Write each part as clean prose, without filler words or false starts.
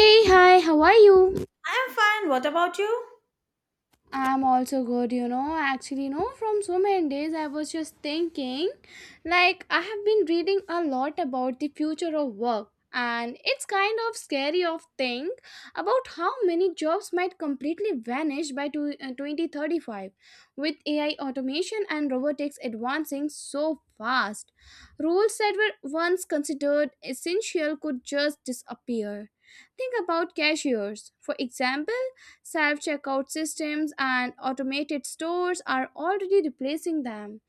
Hey, hi, how are you? I am fine. What about you? I'm also good, you know. Actually, you know, from so many days, I was just thinking, like, I have been reading a lot about the future of work, and it's kind of scary of thing about how many jobs might completely vanish by 2035 with AI automation and robotics advancing so fast. Roles that were once considered essential could just disappear. Think about cashiers, for example. Self checkout systems and automated stores are already replacing them.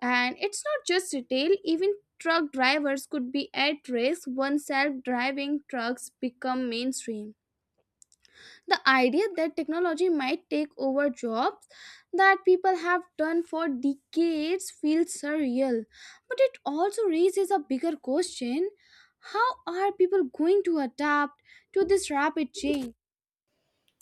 And it's not just retail, even truck drivers could be at risk once self driving trucks become mainstream. The idea that technology might take over jobs that people have done for decades feels surreal. But it also raises a bigger question: how are people going to adapt to this rapid change?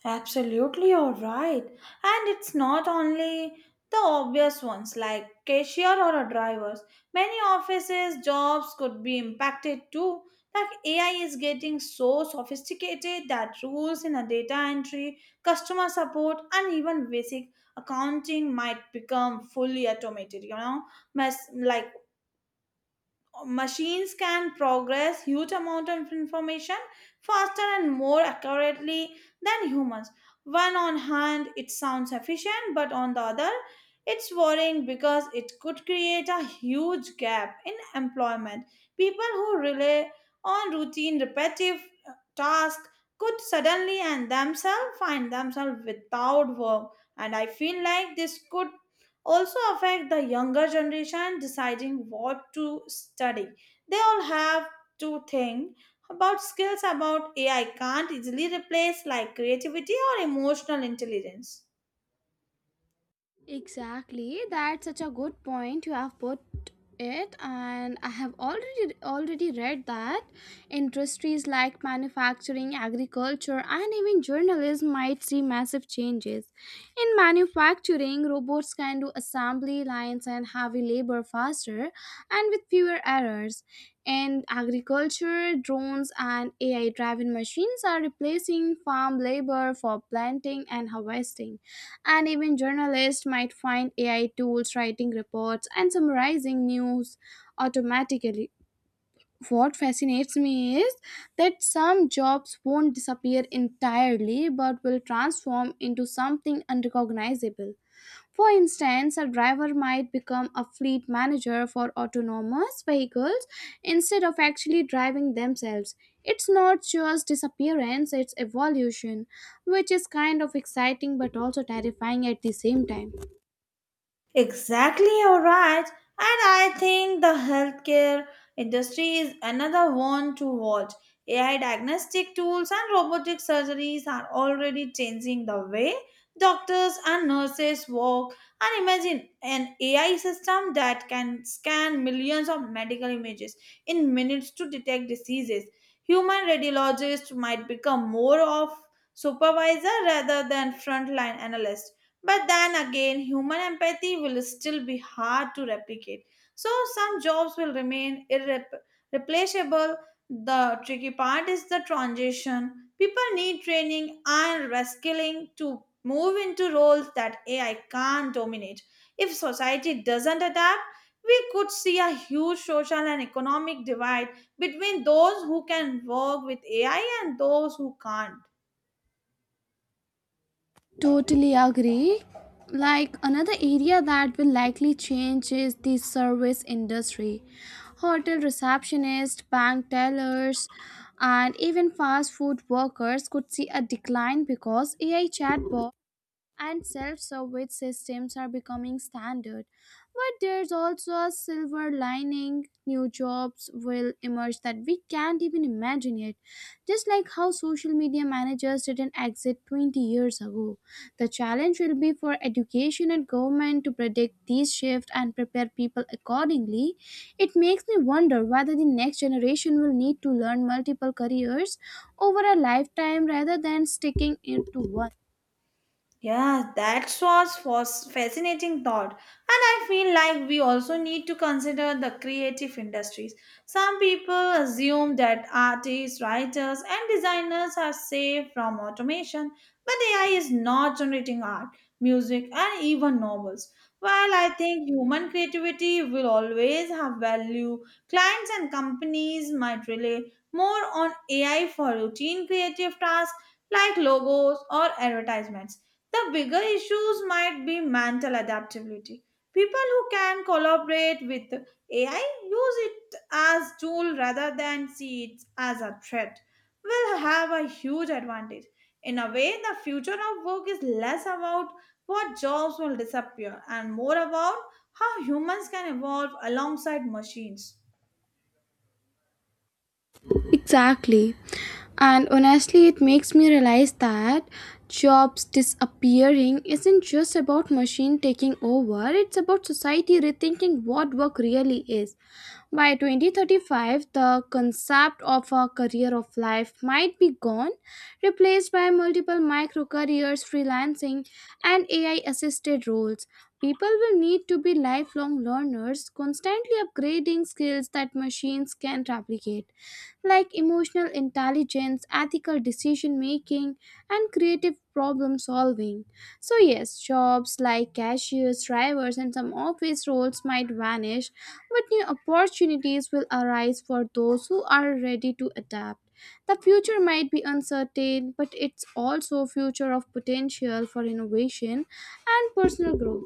Absolutely, you're right. And it's not only the obvious ones like cashier or a drivers. Many offices jobs could be impacted too. Like AI is getting so sophisticated that rules in a data entry, customer support, and even basic accounting might become fully automated. Like machines can progress huge amount of information faster and more accurately than humans. One on hand it sounds efficient, but on the other it's worrying because it could create a huge gap in employment. People who rely on routine repetitive tasks could suddenly and themselves find themselves without work. And I feel like this could also affect the younger generation deciding what to study. They all have to think about skills about AI can't easily replace like creativity or emotional intelligence. Exactly, that's such a good point you have put it and I have already read that industries like manufacturing, agriculture and even journalism might see massive changes. In manufacturing, robots can do assembly lines and heavy labor faster and with fewer errors. In agriculture, drones and AI driven machines are replacing farm labor for planting and harvesting, and even journalists might find AI tools writing reports and summarizing news automatically. What fascinates me is that some jobs won't disappear entirely but will transform into something unrecognizable. For instance, a driver might become a fleet manager for autonomous vehicles instead of actually driving themselves. It's not just disappearance, it's evolution, which is kind of exciting but also terrifying at the same time. Exactly, you're right. And I think the healthcare industry is another one to watch. AI diagnostic tools and robotic surgeries are already changing the way doctors and nurses work. And imagine an AI system that can scan millions of medical images in minutes to detect diseases. Human radiologists might become more of supervisor rather than frontline analysts. But then again, human empathy will still be hard to replicate. So some jobs will remain irreplaceable. The tricky part is the transition. People need training and reskilling to move into roles that AI can't dominate. If society doesn't adapt, we could see a huge social and economic divide between those who can work with AI and those who can't. Totally agree. Like another area that will likely change is the service industry. Hotel receptionists, bank tellers, and even fast food workers could see a decline because AI chatbots and self-service systems are becoming standard. But there's also a silver lining. New jobs will emerge that we can't even imagine yet. Just like how social media managers didn't exist 20 years ago. The challenge will be for education and government to predict these shifts and prepare people accordingly. It makes me wonder whether the next generation will need to learn multiple careers over a lifetime rather than sticking into one. Yeah, that was fascinating thought. And I feel like we also need to consider the creative industries. Some people assume that artists, writers, and designers are safe from automation, but AI is not generating art, music, and even novels. While I think human creativity will always have value, clients and companies might rely more on AI for routine creative tasks like logos or advertisements. The bigger issues might be mental adaptability. People who can collaborate with AI, use it as tool rather than see it as a threat, will have a huge advantage. In a way, the future of work is less about what jobs will disappear and more about how humans can evolve alongside machines. Exactly. And honestly, it makes me realize that jobs disappearing isn't just about machine taking over, it's about society rethinking what work really is. By 2035, the concept of a career of life might be gone, replaced by multiple micro careers, freelancing, and AI assisted roles. People will need to be lifelong learners, constantly upgrading skills that machines can replicate like emotional intelligence, ethical decision making, and creative problem solving. So, yes, jobs like cashiers, drivers, and some office roles might vanish, but new opportunities will arise for those who are ready to adapt. The future might be uncertain, but it's also a future of potential for innovation and personal growth.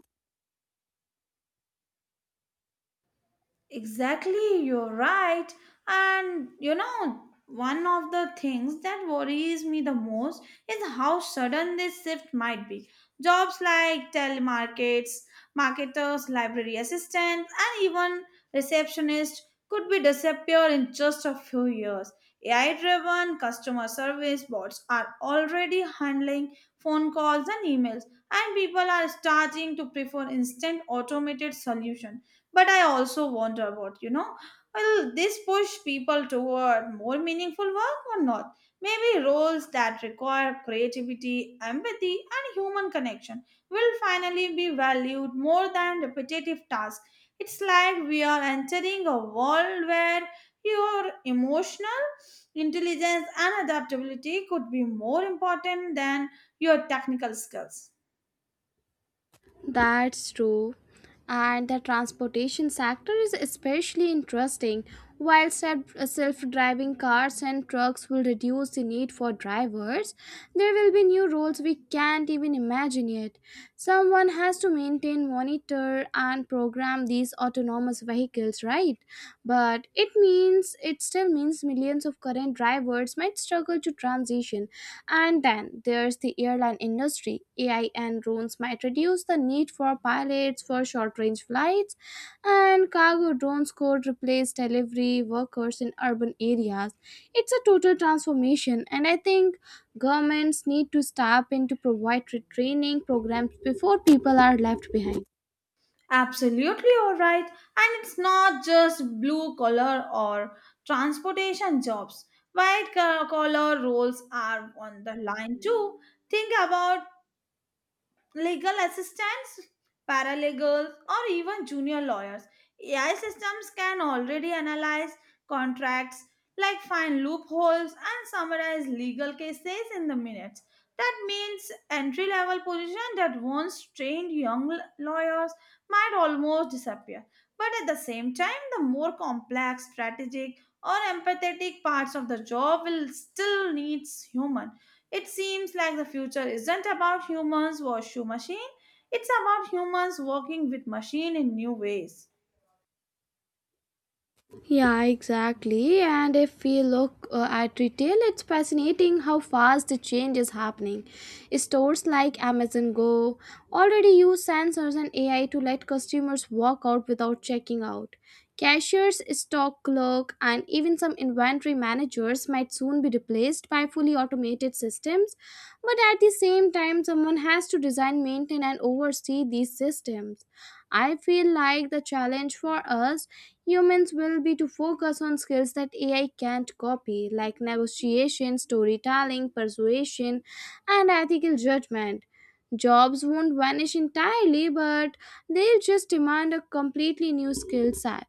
Exactly, you're right. And you know, one of the things that worries me the most is how sudden this shift might be. Jobs like telemarkets, marketers, library assistants, and even receptionists could be disappear in just a few years. AI-driven customer service bots are already handling phone calls and emails, and people are starting to prefer instant automated solutions. But I also wonder about, you know, will this push people toward more meaningful work or not? Maybe roles that require creativity, empathy, and human connection will finally be valued more than repetitive tasks. It's like we are entering a world where your emotional intelligence and adaptability could be more important than your technical skills. That's true. And the transportation sector is especially interesting. While self driving cars and trucks will reduce the need for drivers, there will be new roles we can't even imagine yet. Someone has to maintain, monitor, and program these autonomous vehicles, right? But it still means millions of current drivers might struggle to transition, and then there's the airline industry. AI and drones might reduce the need for pilots for short range flights, and cargo drones could replace delivery workers in urban areas. It's a total transformation, and I think governments need to step in to provide training programs before people are left behind. Absolutely all right. And it's not just blue collar or transportation jobs. White collar roles are on the line too. Think about legal assistants, paralegals, or even junior lawyers. AI systems can already analyze contracts, like find loopholes and summarize legal cases in the minutes. That means entry level position that once trained young lawyers might almost disappear. But at the same time, the more complex, strategic, or empathetic parts of the job will still needs human. It seems like the future isn't about humans wash machine, it's about humans working with machine in new ways. Yeah, exactly. And if we look at retail, it's fascinating how fast the change is happening. Stores like Amazon Go already use sensors and AI to let customers walk out without checking out. Cashiers, stock clerk, and even some inventory managers might soon be replaced by fully automated systems. But at the same time, someone has to design, maintain, and oversee these systems. I feel like the challenge for us humans will be to focus on skills that AI can't copy, like negotiation, storytelling, persuasion, and ethical judgment. Jobs won't vanish entirely, but they'll just demand a completely new skill set.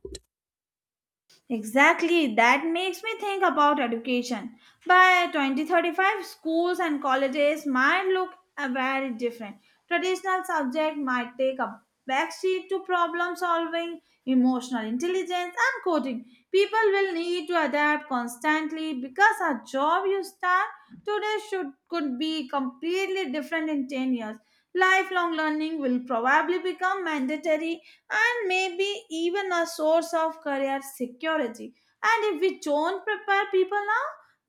Exactly, that makes me think about education. By 2035, schools and colleges might look very different. Traditional subjects might take a backseat to problem solving, emotional intelligence, and coding. People will need to adapt constantly because a job you start today should could be completely different in 10 years. Lifelong learning will probably become mandatory and maybe even a source of career security. And if we don't prepare people now,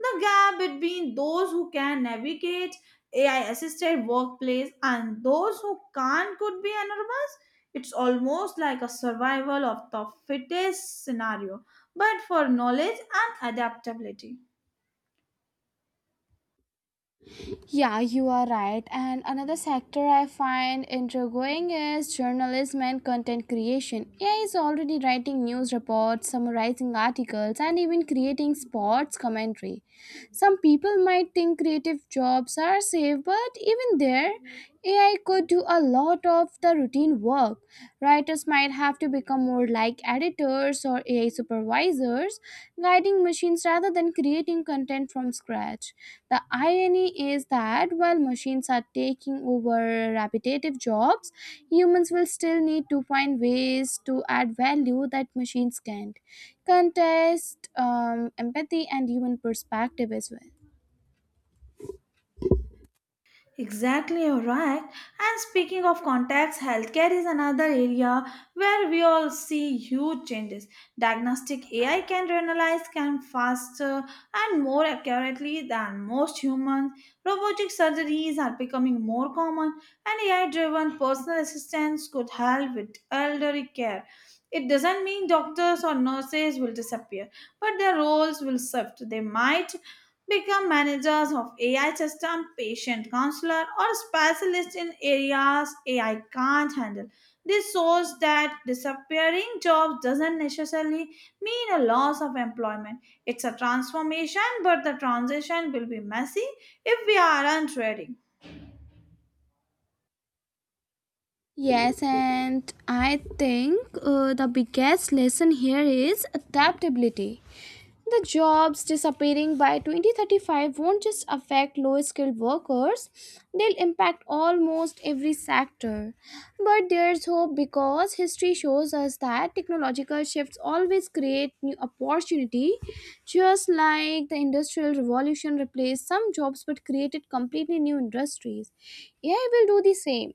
the gap between those who can navigate AI assisted workplace and those who can't could be enormous. It's almost like a survival of the fittest scenario, but for knowledge and adaptability. Yeah, you are right. And another sector I find intriguing is journalism and content creation. AI is already writing news reports, summarizing articles, and even creating sports commentary. Some people might think creative jobs are safe, but even there, AI could do a lot of the routine work. Writers might have to become more like editors or AI supervisors, guiding machines rather than creating content from scratch. The irony is that while machines are taking over repetitive jobs, humans will still need to find ways to add value that machines can't. Contest, empathy, and human perspective as well. Exactly, you're right. And speaking of contacts, healthcare is another area where we all see huge changes. Diagnostic AI can analyze can faster and more accurately than most humans. Robotic surgeries are becoming more common, and AI-driven personal assistants could help with elderly care. It doesn't mean doctors or nurses will disappear, but their roles will shift. They might become managers of AI system, patient counselor, or specialist in areas AI can't handle. This shows that disappearing jobs doesn't necessarily mean a loss of employment. It's a transformation, but the transition will be messy if we aren't ready. Yes, and I think the biggest lesson here is adaptability. The jobs disappearing by 2035 won't just affect low skilled workers, they'll impact almost every sector. But there's hope because history shows us that technological shifts always create new opportunity, just like the industrial revolution replaced some jobs but created completely new industries. AI will do the same.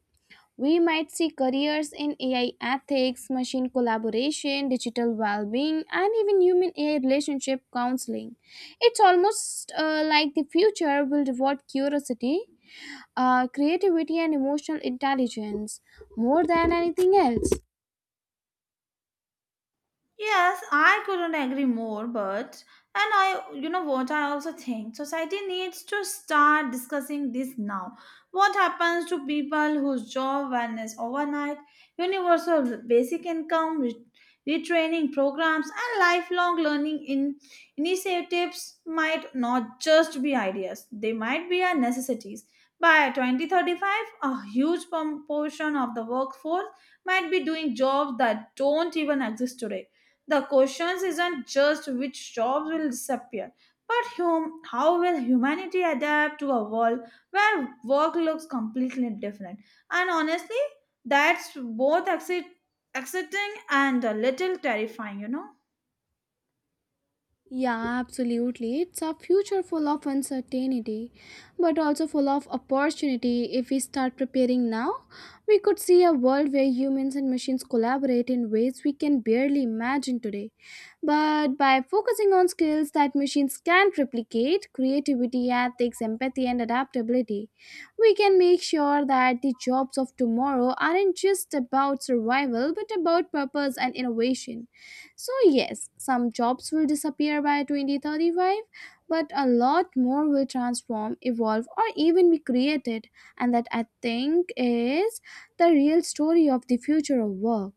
We might see careers in AI ethics, machine collaboration, digital well being, and even human AI relationship counseling. It's almost like the future will reward curiosity, creativity, and emotional intelligence more than anything else. Yes, I couldn't agree more, but and I you know what I also think society needs to start discussing this now. What happens to people whose job vanishes overnight, universal basic income, retraining programs and lifelong learning in initiatives might not just be ideas. They might be our necessities. By 2035, a huge proportion of the workforce might be doing jobs that don't even exist today. The question isn't just which jobs will disappear, but how will humanity adapt to a world where work looks completely different? And honestly, that's both exciting and a little terrifying, you know? Yeah, absolutely. It's a future full of uncertainty, but also full of opportunity. If we start preparing now, we could see a world where humans and machines collaborate in ways we can barely imagine today. But by focusing on skills that machines can't replicate creativity, ethics, empathy, and adaptability, we can make sure that the jobs of tomorrow aren't just about survival but about purpose and innovation. So, yes, some jobs will disappear by 2035, but a lot more will transform, evolve, or even be created. And that, I think, is the real story of the future of work.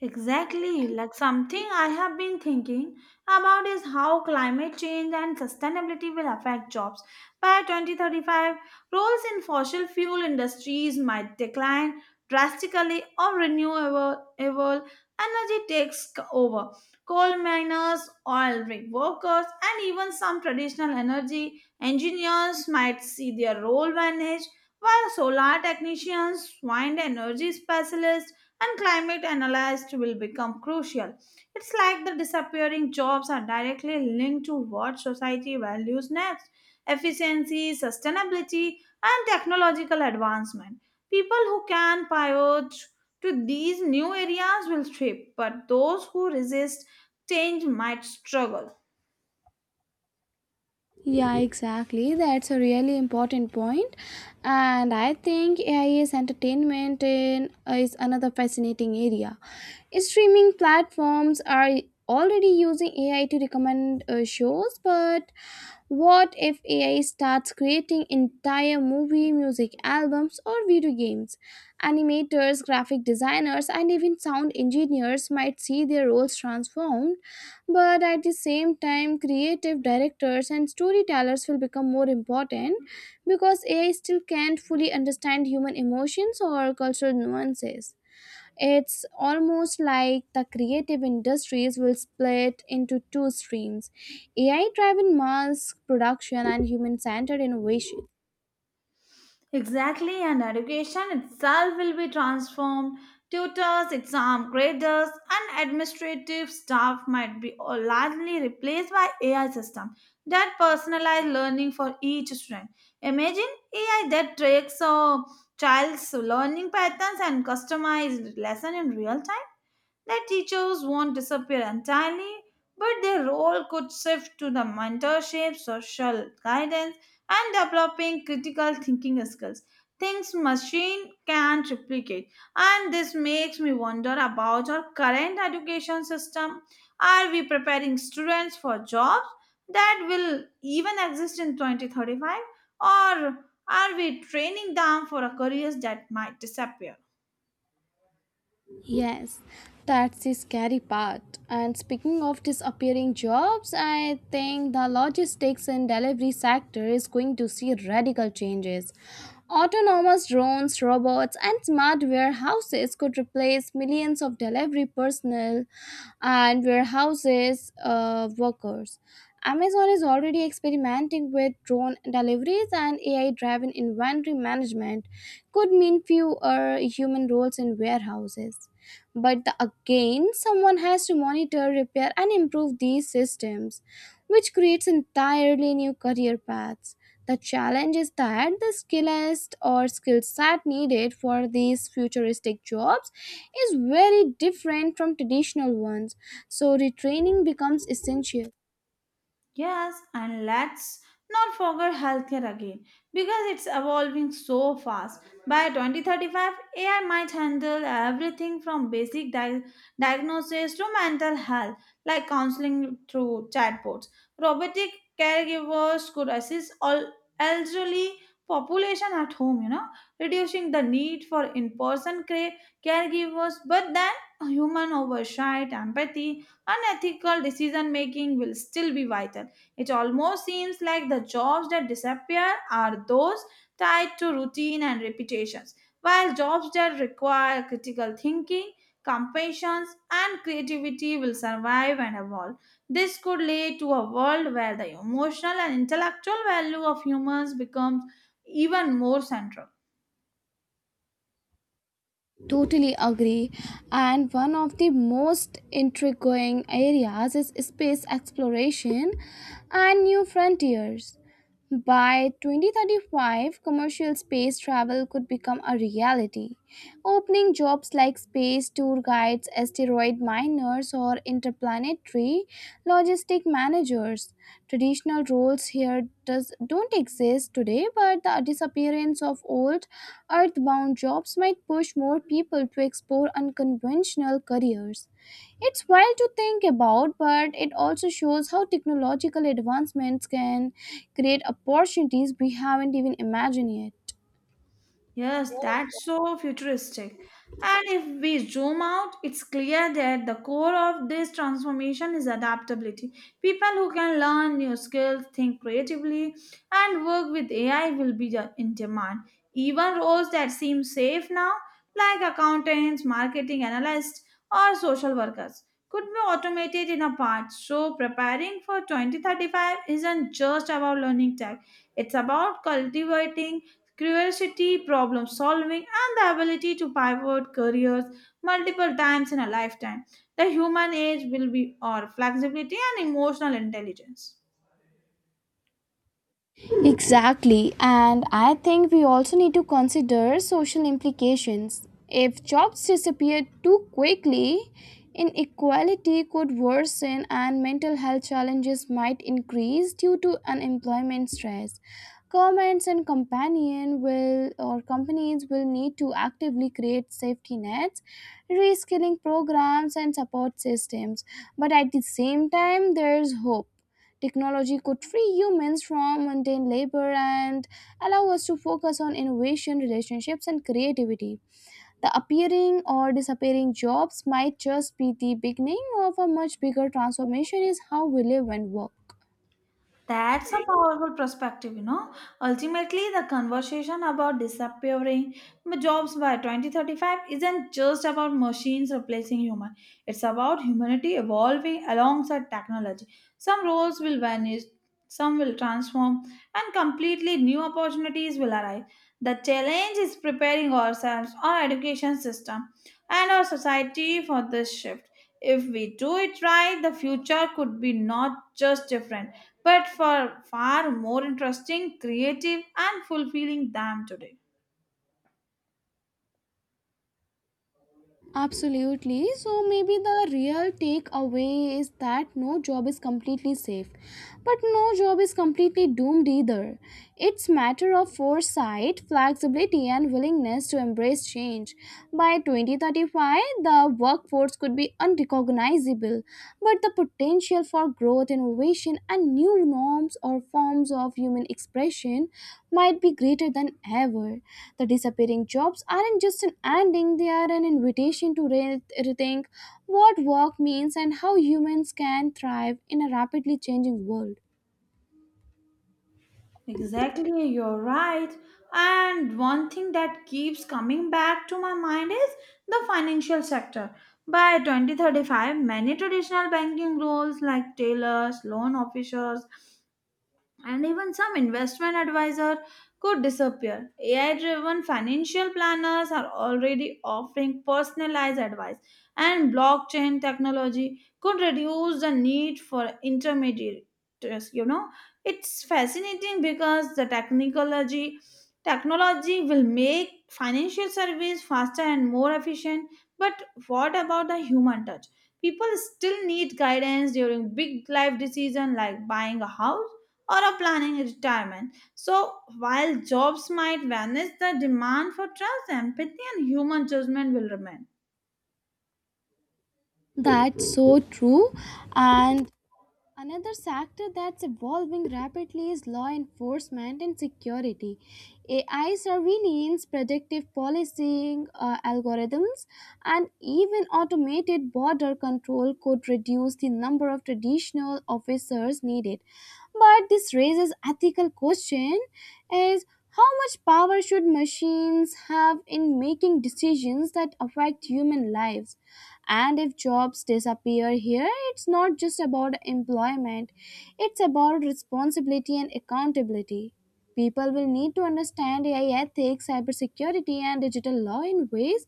Exactly. Like something I have been thinking about is how climate change and sustainability will affect jobs. By 2035, roles in fossil fuel industries might decline drastically or renewable energy takes over. Coal miners, oil rig workers, and even some traditional energy engineers might see their role vanish, while solar technicians, wind energy specialists, and climate analysts will become crucial. It's like the disappearing jobs are directly linked to what society values next: efficiency, sustainability, and technological advancement. People who can pivot to these new areas will thrive, but those who resist change might struggle. Yeah, exactly. That's a really important point. And I think AI is entertainment in, is another fascinating area. Streaming platforms are already using AI to recommend shows, but what if AI starts creating entire movie, music albums, or video games? Animators, graphic designers, and even sound engineers might see their roles transformed, but at the same time, creative directors and storytellers will become more important because AI still can't fully understand human emotions or cultural nuances. It's almost like the creative industries will split into two streams: AI driven mass production and human centered innovation. Exactly, and education itself will be transformed. Tutors, exam graders, and administrative staff might be all largely replaced by AI system that personalize learning for each student. Imagine AI that tracks a child's learning patterns and customized lesson in real time that teachers won't disappear entirely, but their role could shift to the mentorship, social guidance, and developing critical thinking skills. Things machine can't replicate. And this makes me wonder about our current education system. Are we preparing students for jobs that will even exist in 2035? Or are we training them for a careers that might disappear? Yes, that's the scary part. And speaking of disappearing jobs, I think the logistics and delivery sector is going to see radical changes. Autonomous drones, robots, and smart warehouses could replace millions of delivery personnel and warehouses workers. Amazon is already experimenting with drone deliveries, and AI driven inventory management could mean fewer human roles in warehouses. But again, someone has to monitor, repair, and improve these systems, which creates entirely new career paths. The challenge is that the skill set needed for these futuristic jobs is very different from traditional ones, so retraining becomes essential. Yes, and let's not forget healthcare again because it's evolving so fast. By 2035, AI might handle everything from basic diagnosis to mental health, like counseling through chatbots. Robotic caregivers could assist all elderly population at home, you know, reducing the need for in-person caregivers. But then, human oversight, empathy, unethical decision making will still be vital. It almost seems like the jobs that disappear are those tied to routine and repetitions, while jobs that require critical thinking, compassion, and creativity will survive and evolve. This could lead to a world where the emotional and intellectual value of humans becomes even more central. Totally agree. And one of the most intriguing areas is space exploration and new frontiers. By 2035, commercial space travel could become a reality, opening jobs like space tour guides, asteroid miners, or interplanetary logistic managers. Traditional roles here don't exist today, but the disappearance of old earthbound jobs might push more people to explore unconventional careers. It's wild to think about, but it also shows how technological advancements can create opportunities we haven't even imagined yet. Yes, that's so futuristic. And if we zoom out, it's clear that the core of this transformation is adaptability. People who can learn new skills, think creatively, and work with AI will be in demand. Even roles that seem safe now, like accountants, marketing analysts, or social workers, could be automated in a part. So, preparing for 2035 isn't just about learning tech, it's about cultivating curiosity, problem solving, and the ability to pivot careers multiple times in a lifetime. The human age will be our flexibility and emotional intelligence. Exactly, and I think we also need to consider social implications. If jobs disappear too quickly, inequality could worsen and mental health challenges might increase due to unemployment stress. Governments and companion will or companies will need to actively create safety nets, reskilling programs and support systems. But at the same time, there's hope. Technology could free humans from mundane labor and allow us to focus on innovation, relationships, and creativity. The appearing or disappearing jobs might just be the beginning of a much bigger transformation in how we live and work. That's a powerful perspective, you know. Ultimately, the conversation about disappearing jobs by 2035 isn't just about machines replacing human. It's about humanity evolving alongside technology. Some roles will vanish, some will transform, and completely new opportunities will arise. The challenge is preparing ourselves, our education system, and our society for this shift. If we do it right, the future could be not just different but for far more interesting, creative, and fulfilling than today. Absolutely. So maybe the real takeaway is that no job is completely safe, but no job is completely doomed either. It's matter of foresight, flexibility and willingness to embrace change. By 2035, the workforce could be unrecognizable, but the potential for growth, innovation, and new norms or forms of human expression might be greater than ever. The disappearing jobs aren't just an ending, they are an invitation to rethink what work means and how humans can thrive in a rapidly changing world. Exactly, you're right. And one thing that keeps coming back to my mind is the financial sector. By 2035, many traditional banking roles like tailors, loan officers, and even some investment advisor could disappear. AI driven financial planners are already offering personalized advice, and blockchain technology could reduce the need for intermediaries. You know, it's fascinating because the technology will make financial service faster and more efficient. But what about the human touch? People still need guidance during big life decisions like buying a house or are planning retirement. So, while jobs might vanish, the demand for trust, empathy, and human judgment will remain. That's so true. And another sector that's evolving rapidly is law enforcement and security. AI surveillance, predictive policing algorithms, and even automated border control could reduce the number of traditional officers needed. But this raises ethical question: is how much power should machines have in making decisions that affect human lives? And if jobs disappear here, it's not just about employment, it's about responsibility and accountability. People will need to understand AI ethics, cybersecurity, and digital law in ways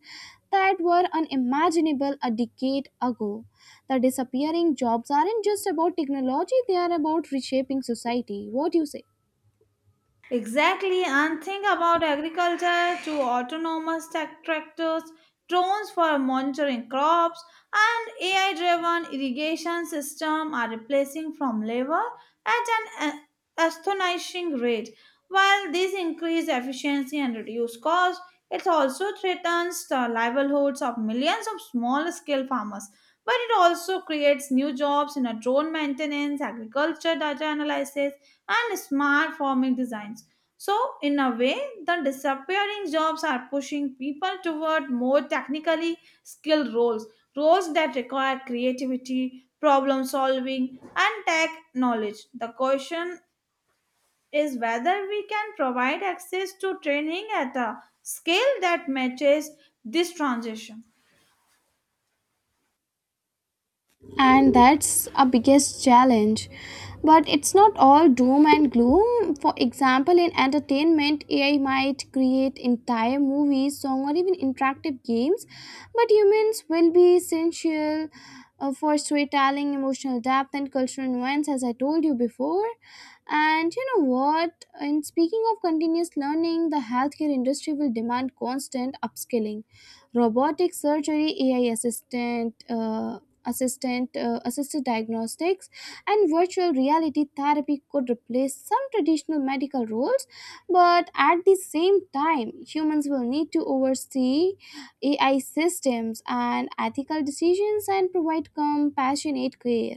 that were unimaginable a decade ago. The disappearing jobs aren't just about technology, they are about reshaping society. What do you say? Exactly, and think about agriculture to autonomous tech tractors, drones for monitoring crops, and AI-driven irrigation system are replacing from labor at an astonishing rate. While these increase efficiency and reduce costs, it also threatens the livelihoods of millions of small-scale farmers. But it also creates new jobs in a drone maintenance, agriculture data analysis, and smart farming designs. So, in a way, the disappearing jobs are pushing people toward more technically skilled roles, roles that require creativity, problem solving, and tech knowledge. The question is whether we can provide access to training at a scale that matches this transition. And that's our biggest challenge, but it's not all doom and gloom. For example, in entertainment, AI might create entire movies, song, or even interactive games, but humans will be essential for storytelling, emotional depth and cultural nuance, as I told you before. And you know what, in speaking of continuous learning, the healthcare industry will demand constant upskilling. Robotic surgery, ai assistant assistant assisted diagnostics and virtual reality therapy could replace some traditional medical roles, but at the same time humans will need to oversee AI systems and ethical decisions and provide compassionate care.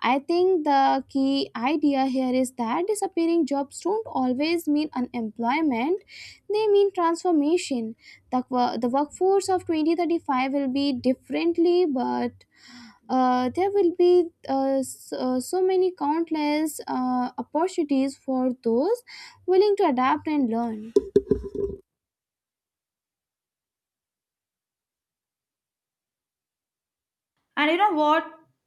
I think the key idea here is that disappearing jobs don't always mean unemployment, they mean transformation. The workforce of 2035 will be differently, but there will be so many countless opportunities for those willing to adapt and learn. And you know what?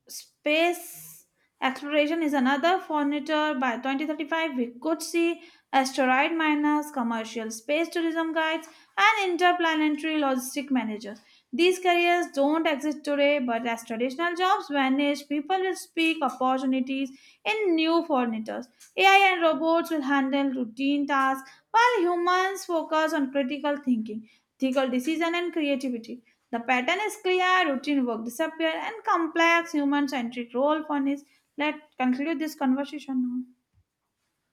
Space exploration is another frontier. By 2035, we could see asteroid miners, commercial space tourism guides, and interplanetary logistic managers. These careers don't exist today, but as traditional jobs vanish, people will seek opportunities in new frontiers. AI and robots will handle routine tasks while humans focus on critical thinking, ethical decision, and creativity. The pattern is clear, routine work disappear, and complex human-centric role furnish. Let's conclude this conversation now.